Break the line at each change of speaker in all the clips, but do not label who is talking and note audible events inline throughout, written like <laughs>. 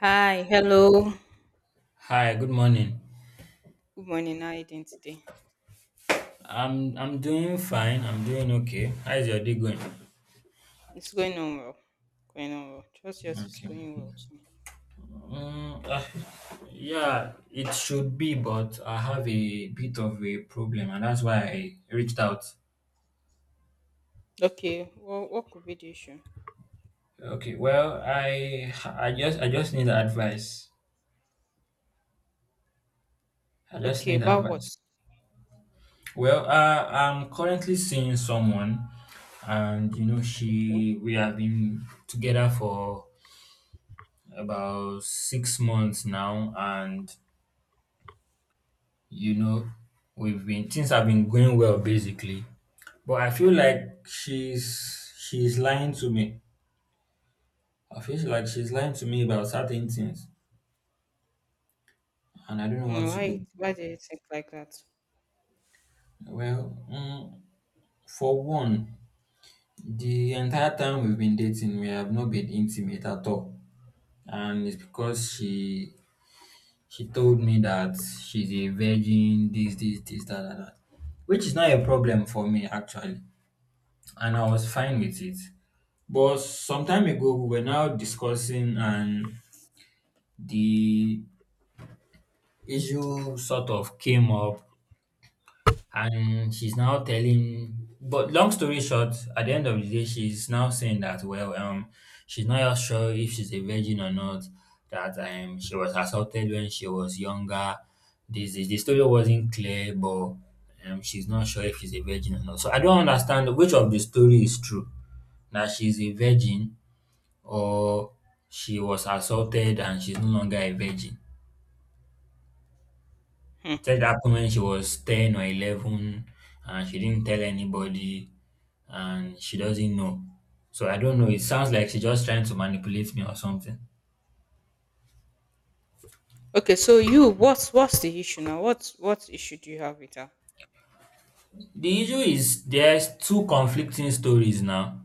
Hi, hello.
Hi, good morning.
Good morning. How are you doing today?
I'm doing fine. I'm doing okay. How's your day going?
It's going on well. Going on well. Trust yours is
Okay.
going well too.
Mm, uh, yeah, it should be, but I have a bit of a problem, and that's why I reached out.
Okay. Well, what could be the issue?
Okay. Well, I just need advice. I just
Okay,
need
about
advice.
what?
Well, I'm currently seeing someone, and you know,
Okay.
she we have been together for about 6 months now, and you know, we've been things have been going well basically, but I feel like she's lying to me. I feel like she's lying to me about certain things, and I don't know what to do.
Why? Why do you think like that?
Well, for one, the entire time we've been dating, we have not been intimate at all, and it's because she told me that she's a virgin, this, that, which is not a problem for me actually, and I was fine with it. But some time ago, we were now discussing, and the issue sort of came up, and she's now telling. But long story short, at the end of the day, she's now saying that, well, she's not just sure if she's a virgin or not. That, she was assaulted when she was younger. This is the story wasn't clear, but she's not sure if she's a virgin or not. So I don't understand which of the story is true. That she's a virgin, or she was assaulted and she's no longer a virgin.
Hmm.
Said it happened when she was 10 or 11, and she didn't tell anybody, and she doesn't know. So I don't know. It sounds like she's just trying to manipulate me or something.
Okay. So, what's the issue now? What issue do you have with her?
The issue is there's two conflicting stories now.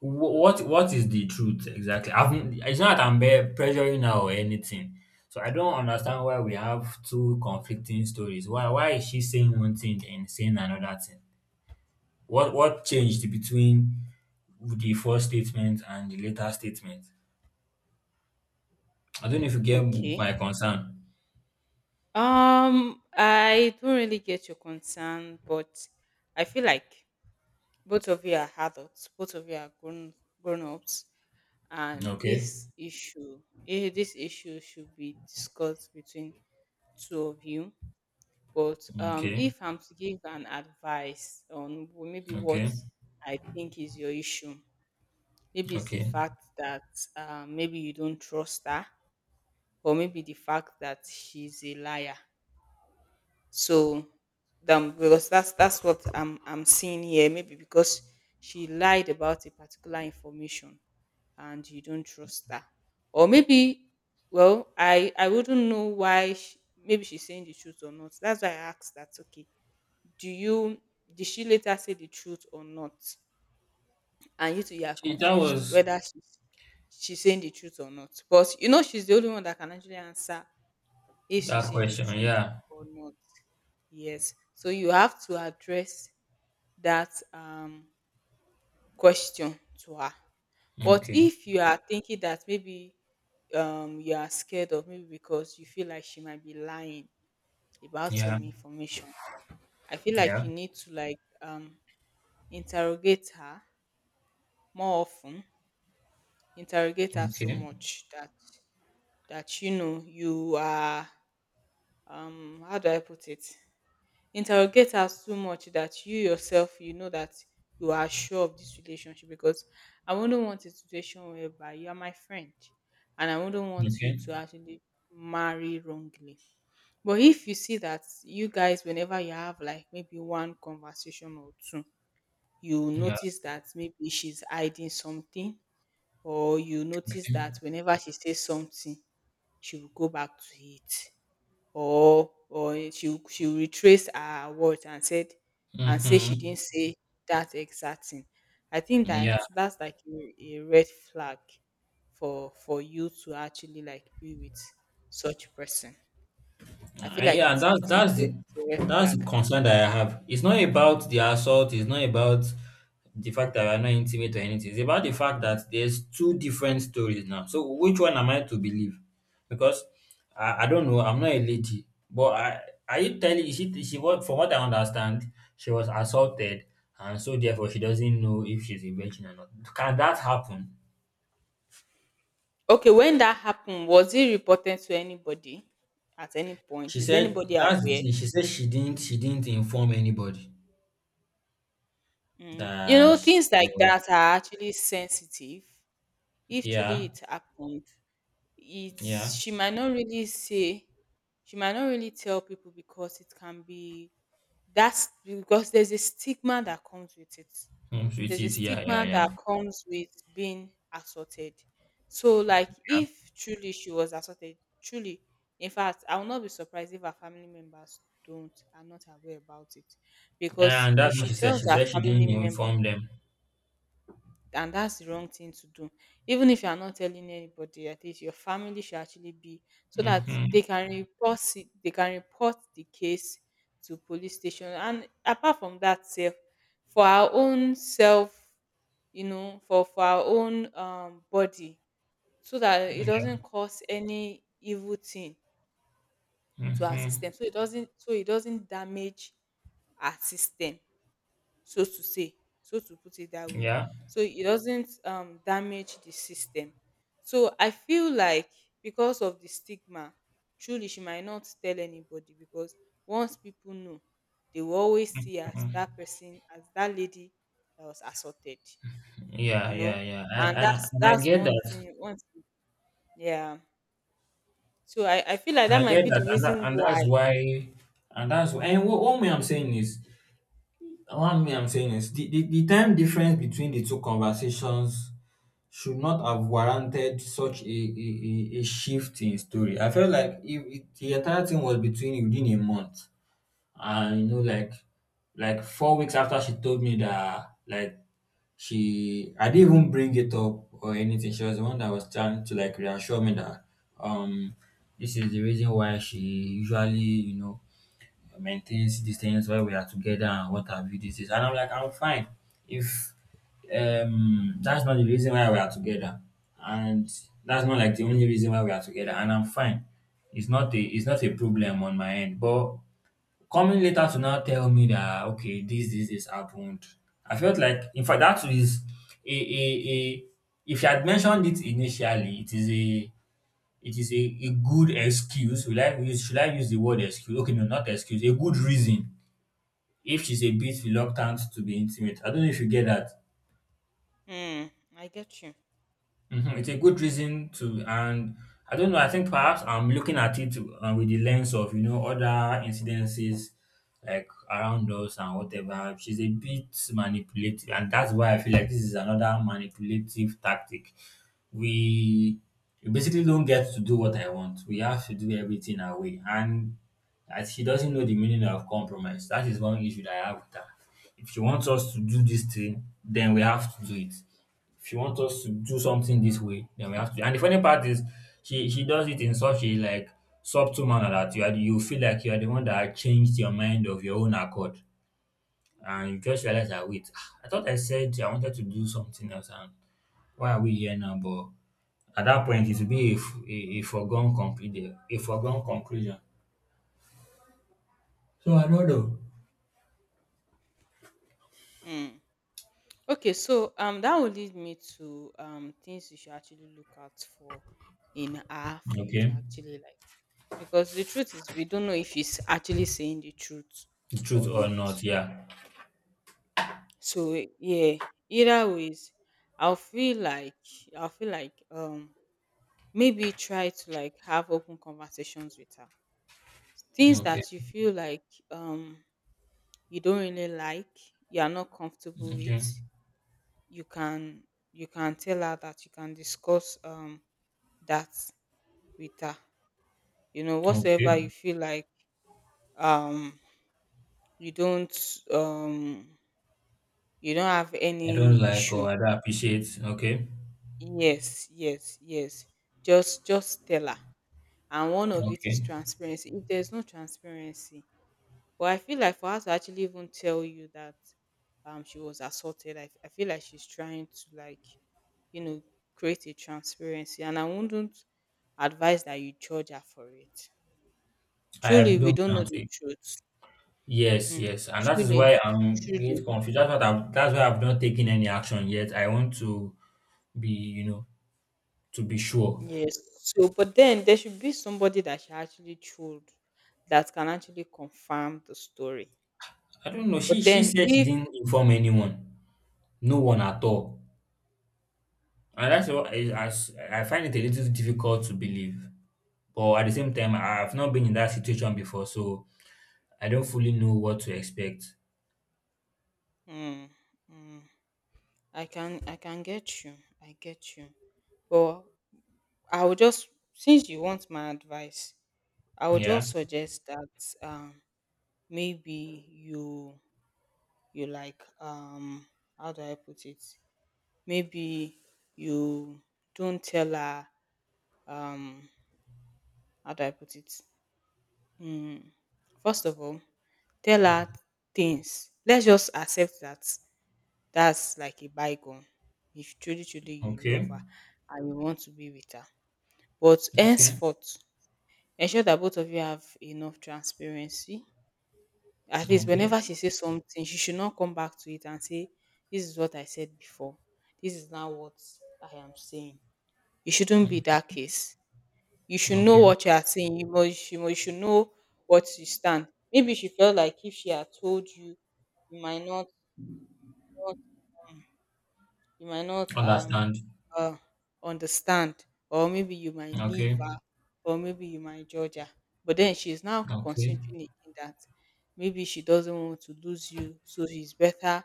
What is the truth exactly? It's not that pressuring her or anything. So I don't understand why we have two conflicting stories. Why is she saying one thing and saying another thing? What changed between the first statement and the later statement? I don't know if you get
Okay.
my concern.
I don't really get your concern, but I feel like both of you are adults. Both of you are grown ups. and
Okay.
this issue eh, this issue should be discussed between two of you. But
Okay.
if I'm to give an advice on maybe what
Okay.
I think is your issue, maybe it's the
Okay.
fact that maybe you don't trust her, or maybe the fact that she's a liar. So them, because that's what I'm seeing here. Maybe because she lied about a particular information and you don't trust her, or maybe, well, I wouldn't know why she, maybe she's saying the truth or not. That's why I asked that. Okay, do you did she later say the truth or not? And you two, you are
See, that
confused
was
whether she's saying the truth or not. But you know she's the only one that can actually answer if she's
that
saying the
question.
truth
Yeah.
or not. Yes. So you have to address that question to her. But
Okay.
if you are thinking that maybe you are scared of, maybe because you feel like she might be lying about
Yeah.
some information, I feel like
Yeah.
you need to like interrogate her more often, interrogate her so
Okay.
much that you know you are, how do I put it? Interrogate as too much that you yourself you know that you are sure of this relationship, because I wouldn't want a situation whereby you are my friend, and I wouldn't want you
Okay.
to actually marry wrongly. But if you see that you guys, whenever you have like maybe one conversation or two, you
Yeah.
notice that maybe she's hiding something, or you notice that
Okay.
whenever she says something, she will go back to it, or she'll retrace her words and said and say she
Mm-hmm.
didn't say that exact thing. I think that
Yeah.
that's like a red flag for you to actually like be with such person. I feel
And
like
yeah, and that's that's the
it's a red
that's
flag.
the concern that I have. It's not about the assault. It's not about the fact that we're not intimate or anything. It's about the fact that there's two different stories now. So which one am I to believe? Because I don't know. I'm not a lady, but I, are you telling, she was, from what I understand she was assaulted, and so therefore she doesn't know if she's a virgin or not. Can that happen?
Okay, when that happened, was it reported to anybody at any point?
She
Is
said
anybody
that's the
aware?
thing. She said she didn't inform anybody
Mm.
that she
Things like
was.
that are actually sensitive. If truly
Yeah,
it happened, it's
yeah.
she might not really tell people because it can be that's because there's a stigma that comes with it
Homes with
there's a
it. Yeah, yeah,
stigma
yeah,
that comes with being assaulted. So like
yeah.
if truly she was assaulted, truly, in fact I will not be surprised if her family members don't are not aware about it, because
And
if
that's what
she
she said.
tells
She
her
said she
family
didn't
member,
inform them.
and that's the wrong thing to do. Even if you are not telling anybody, at least your family should actually be, so that
Mm-hmm.
they can report it, they can report the case to police station. And apart from that, self for our own self, for our own body, so that it doesn't
Yeah.
cause any evil thing to our
Mm-hmm.
system. So it doesn't damage our system, so to say, so to put it that way,
Yeah.
so it doesn't, damage the system. So I feel like because of the stigma, truly she might not tell anybody, because once people know, they will always see her as that person, as that lady that was assaulted,
Yeah.
you
Yeah.
know.
Yeah.
And
I
that's
and I
that's
get
one
that.
thing. Yeah. So I feel like
And I
that might
get
be the
that. And
reason
that, and
why.
that's why. And that's why. And what me I'm saying is, what me I'm saying is, the time difference between the two conversations should not have warranted such a shift in story. I felt like if the entire thing was between within a month. And you know, like 4 weeks after she told me that like she, I didn't even bring it up or anything. She was the one that was trying to like reassure me that, um this is the reason why she usually, you know, maintains these things while we are together and what have you, this is, and I'm like, I'm fine if, that's not the reason why we are together, and that's not like the only reason why we are together, and I'm fine. It's not a problem on my end. But coming later to now tell me that okay, this happened. I felt like in fact that is a if you had mentioned it initially, it is a good excuse. Will I use should I use the word excuse? Okay, no, not excuse, a good reason if she's a bit reluctant to be intimate. I don't know if you get that.
Hmm. I get you.
Mhm, it's a good reason to, and I don't know. I think perhaps I'm looking at it with the lens of, you know, other incidences like around us and whatever. She's a bit manipulative, and that's why I feel like this is another manipulative tactic. We we basically don't get to do what I want. We have to do everything our way, and as she doesn't know the meaning of compromise. That is one issue that I have with her. If she wants us to do this thing, then we have to do it. If you want us to do something this way, then we have to. And the funny part is, she does it in such a like subtle manner that you feel like you are the one that changed your mind of your own accord, and you just realize that wait, ah, I thought I said I wanted to do something else, and why are we here now? But at that point, it will be a foregone conclusion. A foregone conclusion. So I don't know.
Hmm. Okay, so that will lead me to things you should actually look out for in her for you to
Okay.
actually like, because the truth is we don't know if she's actually saying the truth
The truth
or
or
not.
not, yeah.
So, yeah, either ways, I'll feel like I'll feel like maybe try to like have open conversations with her. Things that
Okay.
you feel like um you don't really like, you are not comfortable with,
Okay.
you can you can tell her, that you can discuss that with her, you know whatsoever you
Okay.
feel like, um you don't um you don't have
I don't
any
like, or
issue.
I don't appreciate. Okay.
Yes, yes, yes, just tell her. And one of it is
Okay.
transparency. If there's no transparency. But I feel like for her to actually even tell you that she was assaulted, I feel like she's trying to like, you know, create a transparency. And I wouldn't advise that you judge her for it.
I have
Truly, we
done
don't know the
counting.
truth.
Yes,
Hmm.
yes, and that is
Truly,
why I'm a bit
truly.
confused. That's what I've, that's why I've not taken any action yet. I want to be, you know, to be sure.
Yes. So, but then there should be somebody that she actually told that can actually confirm the story.
I don't know.
But
She
then
said she
if
didn't inform anyone, no one at all, and that's what I, I find it a little difficult to believe. But at the same time, I've not been in that situation before, so I don't fully know what to expect.
mm, mm, I can get you. I get you. But I would just since you want my advice, I would
Yeah.
just suggest that maybe you like, how do I put it? Maybe you don't tell her, um how do I put it? Mm, First of all, tell her things. Let's just accept that that's like a bygone. If truly truly you love
Okay.
her and you want to be with her. But
Okay.
henceforth, ensure that both of you have enough transparency. At least
Okay.
whenever she says something, she should not come back to it and say, this is what I said before, this is now what I am saying. It shouldn't be that
Okay.
case. You should know
Okay.
what you are saying. You should know what you stand. Maybe she felt like if she had told you, you might not you might not,
Understand.
uh, understand, or maybe you might leave
Okay.
her, or maybe you might judge her. But then she's now
Okay.
considering again, that maybe she doesn't want to lose you, so it's better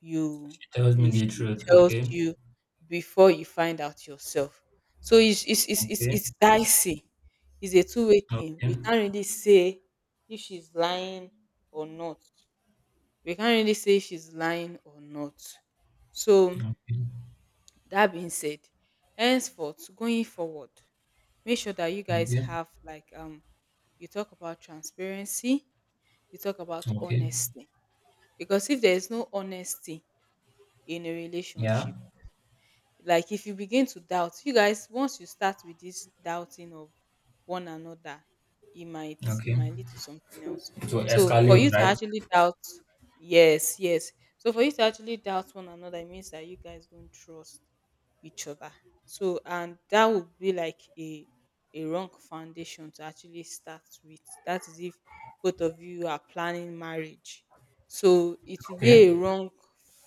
you
It tells me
you
the
she
truth.
tells
Okay.
you before you find out yourself. So
Okay.
it's dicey. It's a two-way thing,
Okay.
we can't really say if she's lying or not, we can't really say if she's lying or not. So,
Okay.
that being said, henceforth, going forward, make sure that you guys
Okay.
have like, you talk about transparency, you talk about
Okay.
honesty. Because if there is no honesty in a
Yeah.
relationship, like if you begin to doubt, you guys, once you start with this doubting of one another, it might it
Okay.
might lead to something else.
So
So for
escalate,
you to
right?
actually doubt, yes, yes. So for you to actually doubt one another, it means that you guys don't trust each other. So, and that would be like a wrong foundation to actually start with. That is if both of you are planning marriage. So it will be a
Okay.
wrong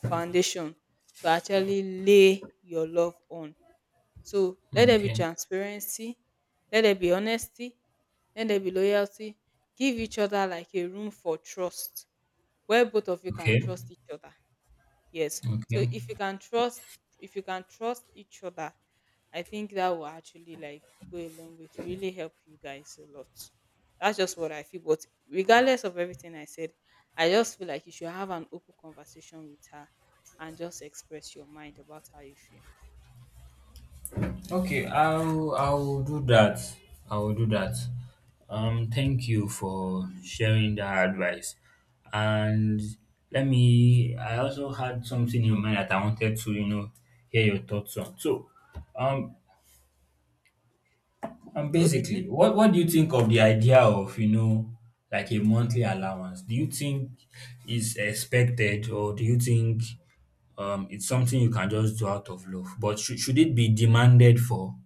foundation to actually lay your love on. So let there be
Okay.
transparency, let there be honesty, let there be loyalty. Give each other like a room for trust where both of you can
Okay.
trust each other. Yes.
Okay.
So if you can trust each other, I think that will actually like go a long way to really help you guys a lot. That's just what I feel. But regardless of everything I said, I just feel like you should have an open conversation with her and just express your mind about how you feel.
Okay. I'll do that. I will do that. Thank you for sharing that advice. And let me, I also had something in mind that I wanted to, you know, hear your thoughts on. So um and
Okay.
basically, what do you think of the idea of, you know, like a monthly allowance? Do you think it's expected, or do you think it's something you can just do out of love? But should it be demanded for?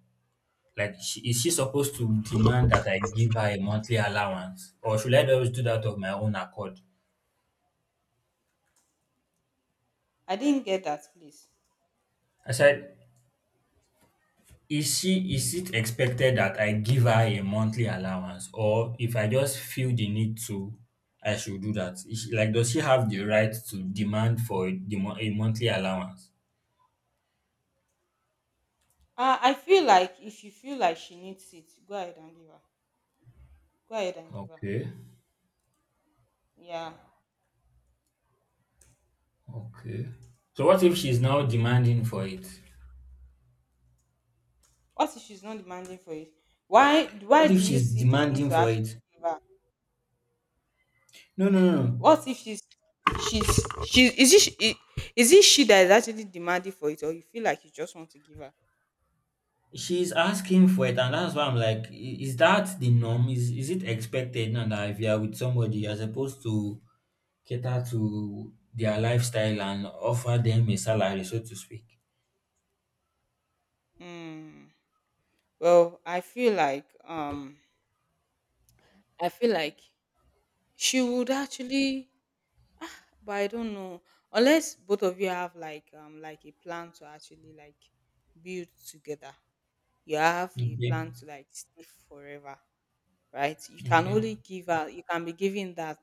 Like, is she supposed to demand that I give her a monthly allowance, or should I just do that of my own accord?
I didn't get that, please.
I said, is she, is it expected that I give her a monthly allowance, or if I just feel the need to, I should do that? Is she, like, does she have the right to demand for a monthly allowance?
I feel like if you feel like she needs it, go ahead and give her. Go ahead and give her.
Okay,
Yeah.
okay. So what if she's now demanding for it?
What if she's not demanding for it? Why
What if
do you
she's
see the need
demanding
to
for
actually
it?
give her?
No, no, no, no.
What if she's she's she is it she, I- is it she that is actually demanding for it, or you feel like you just want to give her?
She's asking for it, and that's why I'm like, is that the norm? Is it expected now that if you are with somebody, you're supposed to cater to their lifestyle and offer them a salary, so to speak?
Hmm. Well, I feel like I feel like she would actually, but I don't know. Unless both of you have like, like a plan to actually like build together. You have a
Okay,
plan to like stay forever, right? You can
okay,
only give her, you can be giving that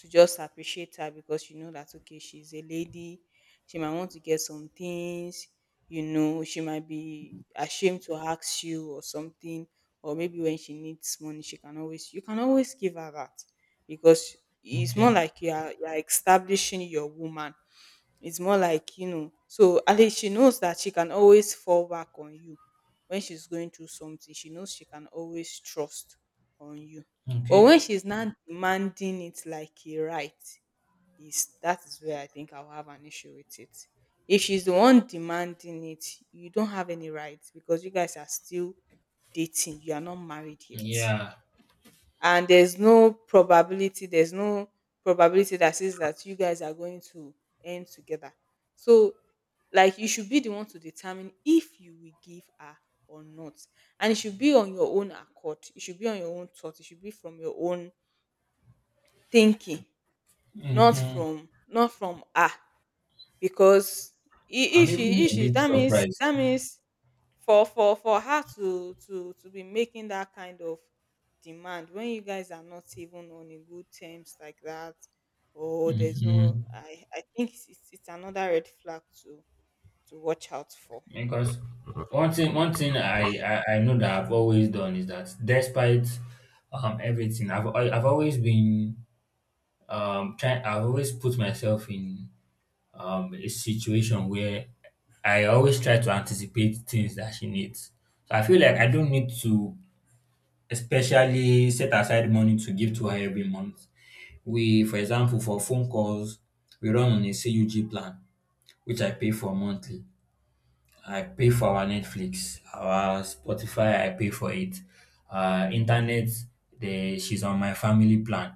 to just appreciate her because you know that, okay, she's a lady, she might want to get some things, she might be ashamed to ask you or something, or maybe when she needs money, she can always, you can always give her that, because it's more
okay,
like you are establishing your woman. It's more like, so at least she knows that she can always fall back on you when she's going through something. She knows she can always trust on you. But
okay.
when she's now demanding it like a right, is where I think I'll have an issue with it. If she's the one demanding it, you don't have any rights because you guys are still dating. You are not married yet,
Yeah.
and there's no probability, there's no probability that says that you guys are going to end together. So like, you should be the one to determine if you will give her or not, and it should be on your own accord, it should be on your own thought, it should be from your own thinking. not
Mm-hmm.
from not from her. Because
I'm
if
even
she, if
a
she
bit
that means,
surprised.
that means for her to be making that kind of demand when you guys are not even on a good terms like that, or there's no,
Mm-hmm.
I think it's another red flag to watch out for.
Because one thing I know that I've always done is that despite everything, I've always been trying. I've always put myself in, a situation where I always try to anticipate things that she needs. So I feel like I don't need to especially set aside money to give to her every month. We, for example, for phone calls, we run on a CUG plan, which I pay for monthly. I pay for our Netflix, our Spotify. I pay for it. Internet, the, she's on my family plan.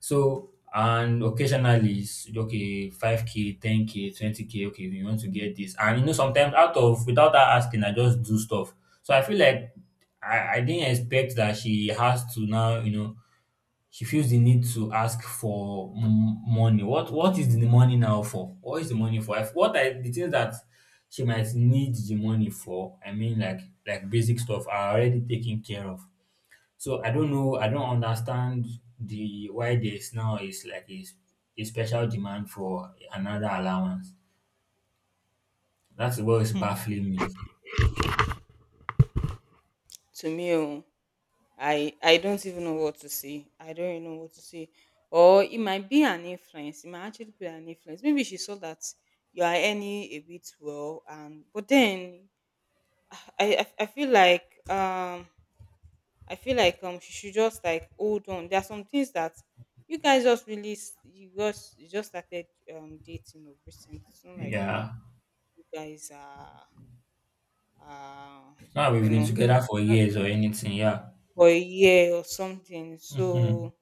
So and occasionally, it's, okay, 5K, 10K, 20K. Okay, we want to get this, and you know sometimes out of, without her asking, I just do stuff. So I feel like I didn't expect that she has to now, you know, she feels the need to ask for money. What is the money now for? What is the money for? If, what are the things that she might need the money for? I mean, like basic stuff are already taken care of. So I don't know. I don't understand the, why there's now is like a special demand for another allowance. That's what is baffling me.
To me, oh, I don't even know what to say. I don't even know what to say. Or it might be an influence, it might actually be an influence. Maybe she saw that you are earning a bit well, and but then i i, I feel like um I feel like she should just like hold on. There are some things that you guys just really you just, you just started dating or recent. It's not like
Yeah.
you guys are uh
Now
you
we've been
know,
together for years or anything. Yeah.
for a year or something.
hmm
So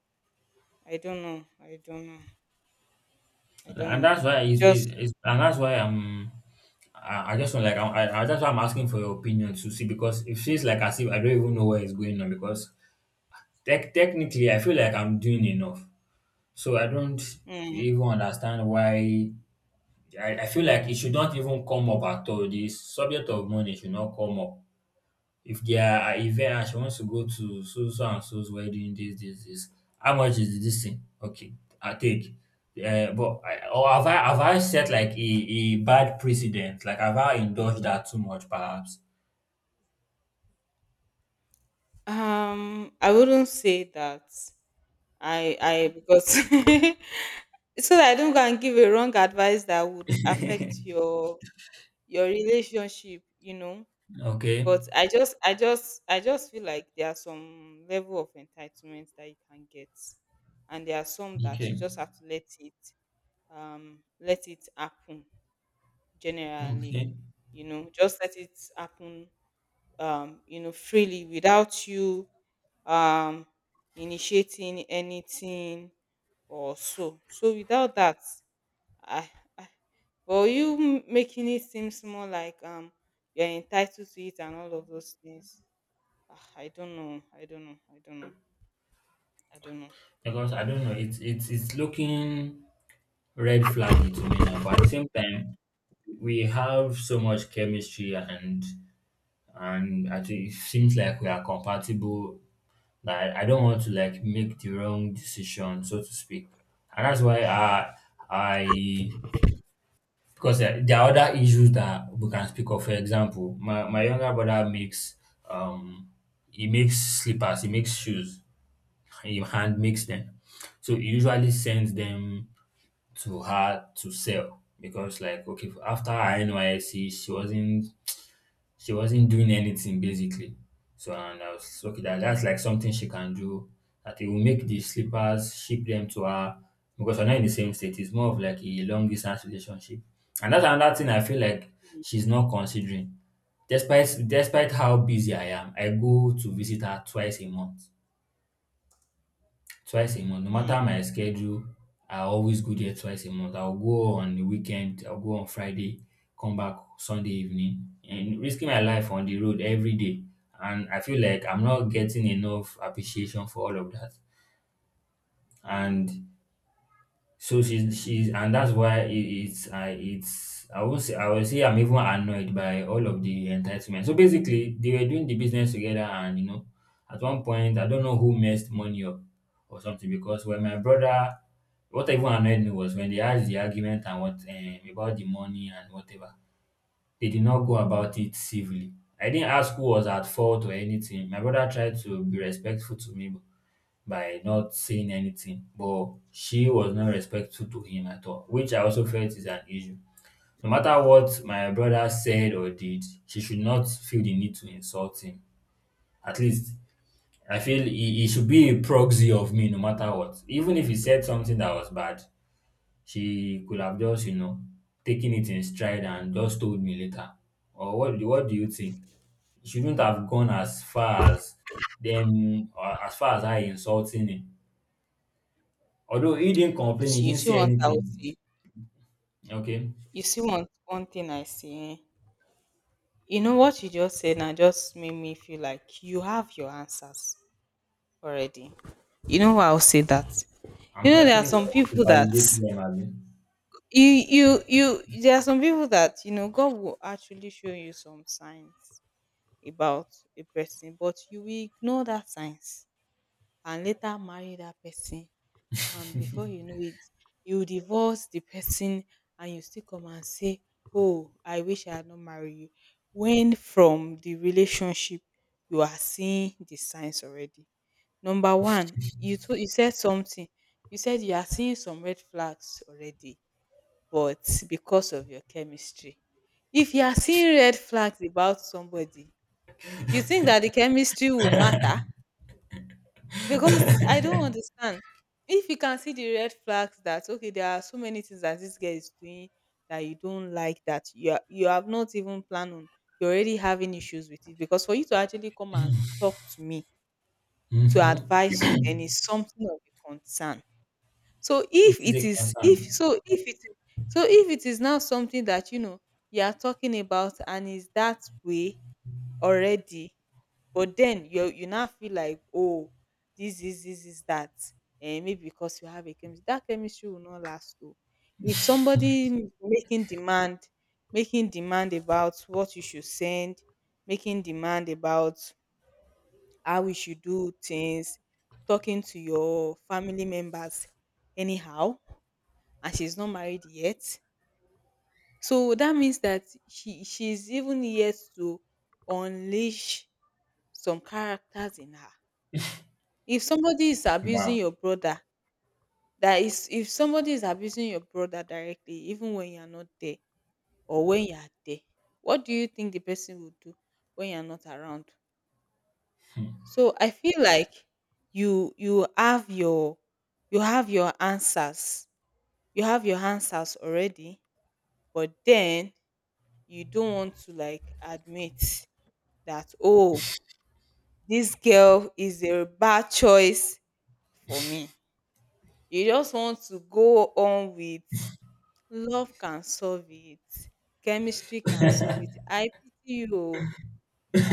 I don't know. I don't know. I don't
And
know.
that's why
You
it's,
just
it, it's and that's why I just want like I, that's why I'm asking for your opinion to see, because it feels like as if I don't even know where it's going on because technically I feel like I'm doing enough, so I don't
mm,
even understand why I feel like it should not even come up at all. This subject of money should not come up. If there are event and she wants to go to so so and so's wedding, this, how much is this thing? Okay, I take. But I, or have I, have I set like a bad precedent? Like, have I indulged that too much, perhaps? <laughs>
I wouldn't say that. I because <laughs> so that I don't go and give a wrong advice that would affect your relationship, you know.
Okay.
But I just feel like there are some level of entitlement that you can get. And there are some that you
Okay.
just have to let it happen generally.
Okay.
You know, just let it happen you know, freely without you um initiating anything or so. So without that, I, I but you making it seems more like you're entitled to it and all of those things. Ah, I don't know. I don't know. I don't know. I don't know.
Because I don't know, it's looking red flaggy to me now. But at the same time, we have so much chemistry, and I think it seems like we are compatible. Like, I don't want to like make the wrong decision, so to speak. And that's why I because there are other issues that we can speak of. For example, my, younger brother makes um he makes slippers, he makes shoes, he hand makes them. So he usually sends them to her to sell because, like, okay, after her NYSC, she wasn't, she wasn't doing anything basically. So, and I was okay that that's like something she can do. That it will make the slippers, ship them to her, because we're not in the same state. It's more of like a long distance relationship. And that's another thing I feel like she's not considering. Despite how busy I am, I go to visit her twice a month, twice a month. No
Hmm.
matter my schedule, I always go there twice a month. I'll go on the weekend, I'll go on Friday, come back Sunday evening, and risking my life on the road every day. And I feel like I'm not getting enough appreciation for all of that.
Hmm.
And so she's and that's why it, it's I would say I will say I'm even annoyed by all of the entitlement. So basically they were doing the business together, and you know, at one point I don't know who messed money up or something. Because when my brother, what even annoyed me was when they had the argument and what, about the money and whatever, they did not go about it civilly. I didn't ask who was at fault or anything. My brother tried to be respectful to me by not saying anything, but she was not respectful to him at all, which I also felt is an issue. No matter what my brother said or did, she should not feel the need to insult him. At least I feel he should be a proxy of me no matter what. Even if he said something that was bad, she could have just, you know, taken it in stride and just told me later. Or what do you think? He shouldn't have gone as far as them, or as far as I insulting him. Although he didn't complain, he
See, you
didn't
see
say
one thing I will
anything.
say.
Okay.
You see one thing I see. Eh? You know what you just said now just made me feel like you have your answers already. You know why I'll say that. You
I'm
know
just
there are
looking for
some
someone to
people that
validate them, Abi.
you you you there are some people that, you know, God will actually show you some signs about a person, but you will ignore that signs and later marry that person, and before you know it, you divorce the person and you still come and say, oh, I wish I had not marry you. When from the relationship you are seeing the signs already. Number one, you told you said something. You said you are seeing some red flags already, but because of your chemistry. If you are seeing red flags about somebody, you think that the chemistry will matter? Because I don't understand. If you can see the red flags that, okay, there are so many things that this girl is doing that you don't like, that you have not even planned on. You're already having issues with it, because for you to actually come and talk to me to
Mm-hmm.
advise you, then it's something of a concern. So
It
if
is
it
a
is if
concern.
so if it is so if it is now something that you know you are talking about and is that way already, but then you now feel like, oh, this is that. And maybe because you have a chemistry, that chemistry will not last, though. If somebody making demand about what you should send, making demand about how we should do things, talking to your family members anyhow, and she's not married yet. So that means that she's even yet to unleash some characters in her. If somebody is abusing
Wow.
your brother, that is if somebody is abusing your brother directly, even when you are not there or when you are there, what do you think the person will do when you are not around? So I feel like you have your, you have your answers, you have your answers already, but then you don't want to like admit that, oh, this girl is a bad choice for me. You just want to go on with, love can solve it. Chemistry can solve it. I pity you. Oh.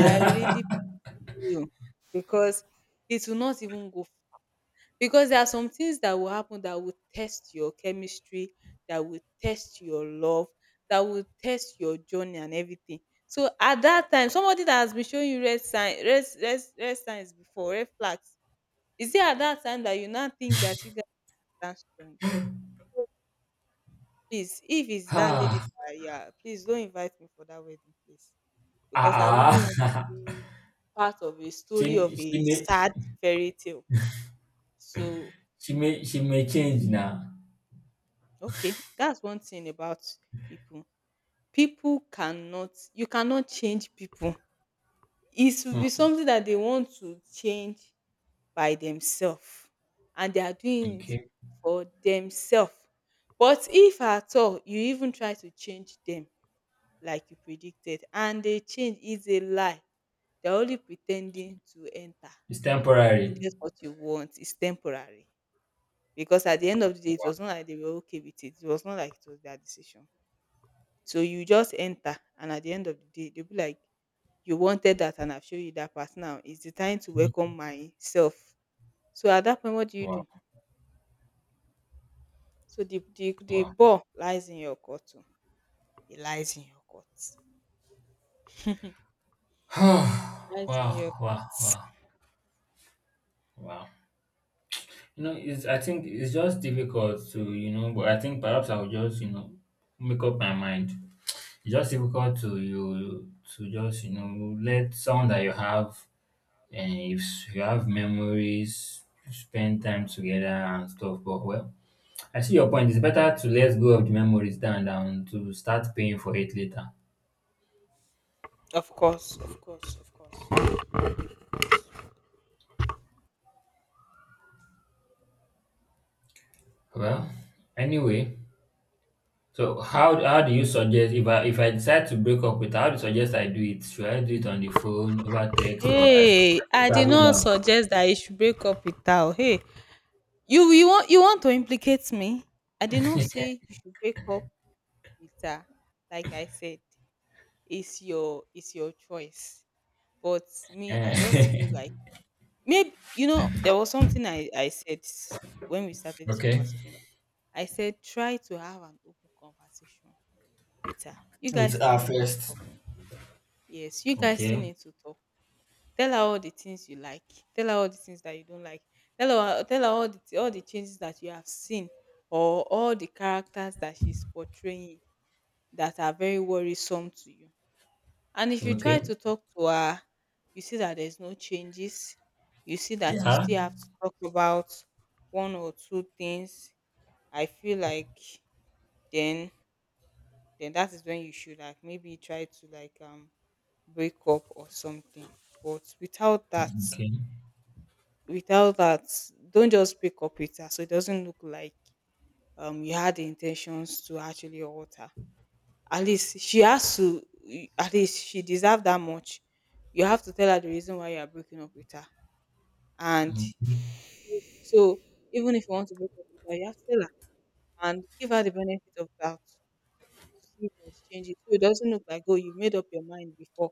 I really pity you, because it will not even go. Because there are some things that will happen that will test your chemistry, that will test your love, that will test your journey and everything. So at that time, somebody that has been showing you red sign, red signs before, red flags, is it at that time that you now think that you guys are strong? Please, if it's that lady
ah,
that you are, please don't invite me for that wedding, please. Because I
ah,
wouldn't want to
ah.
be part of a
<laughs>
story
She,
of a sad fairy tale. So,
she may change now.
okay, that's one thing about people. People cannot, you cannot change people. It should be
Hmm,
something that they want to change by themselves, and they are doing it
okay.
for themselves. But if at all you even try to change them, like you predicted, and they change, is a lie. They're only pretending to enter,
It's
to
temporary.
get what you want, is temporary. Because at the end of the day, it was not like they were okay with it, it was not like it was their decision. So you just enter, and at the end of the day, they'll be like, you wanted that, and I've shown you that part. Now it's the time to
Hmm.
welcome myself. So at that point, what do you
Wow.
do? So the
Wow.
ball lies in your court too. It lies in your court,
<sighs>
lies in
Wow.
your court.
Wow. Wow. Wow. You know, it's, I think it's just difficult to, you know, but I think perhaps I'll just, you know, make up my mind. It's just difficult to you to just, you know, let someone that you have, and if you have memories, spend time together and stuff. But, well, I see your point. It's better to let go of the memories than to start paying for it later.
Of course, of course, of course.
Well, anyway, so how do you suggest, if I, if I decide to break up with her, how do you suggest I do it? Should I do it on the phone, over text, or I should
Hey, I did
travel
not
down?
suggest that you should break up with her, oh. Hey, you want, you want to implicate me? I did not
<laughs>
say you should break up with her. Like I said, it's your, it's your choice. But me, I just feel
Eh,
like, maybe you know there was something I said when we
<laughs>
started this
okay.
conversation. I said try to have an open conversation with her. You
With
guys still
her
need to
first.
talk. Yes, you guys still
Okay.
need to talk. Tell her all the things you like. Tell her all the things that you don't like. Tell her, tell her all the all the changes that you have seen, or all the characters that she's portraying that are very worrisome to you. And if you
Okay.
try to talk to her, you see that there's no changes. You see that you
Yeah.
still have to talk about one or two things. I feel like, then then that is when you should like maybe try to like break up or something. But without
Yeah.
that,
Okay.
without that, don't just pick up with her, so it doesn't look like you had the intentions to actually hurt her. At least she has to, at least she deserves that much. You have to tell her the reason why you are breaking up with her. And
Okay.
so even if you want to break up with her, you have to tell her and give her the benefit of doubt to see if there's changes, so it doesn't look like, oh, you made up your mind before,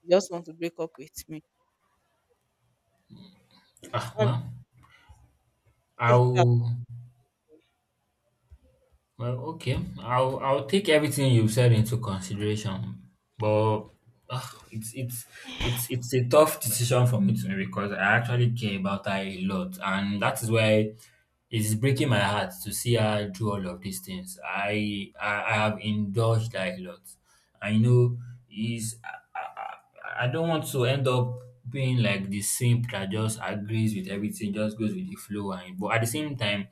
you just want to break up with me.
Ah,
That-
well,
that's it.
I'll well, okay. I'll take everything you've said into consideration, but, ah, it's it's a tough decision for me to make, because I actually care about her a lot, and that is why it is breaking my heart to see her do all of these things. I have indulged her a lot. I know is. I don't want to end up being like the simp that just agrees with everything, just goes with the flow. And but at the same time,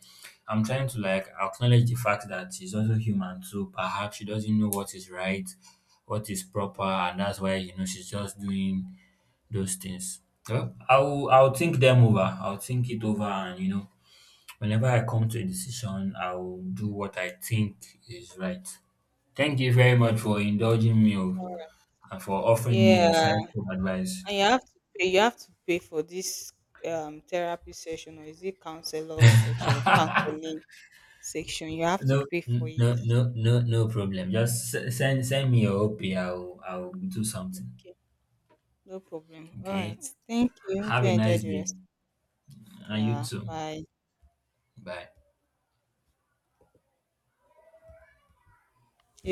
I'm trying to like acknowledge the fact that she's also human too. Perhaps she doesn't know what is right, what is proper, and that's why, you know, she's just doing those things. Well, I'll think them over. I'll think it over, and you know, whenever I come to a decision, I'll do what I think is right. Thank you very much for indulging me, oh, and for offering me
Yeah.
insightful advice.
And you have to pay. You have to pay for this therapy session, or is it counselor section or counseling section? You have to
No,
pay for it.
no, no, no, no problem. Just send me your OP. I'll do something.
Okay, no problem. All
Okay.
right. Thank you.
Have
Do
a
enjoy
nice
the
day,
rest.
and you
Yeah.
too.
Bye.
Bye.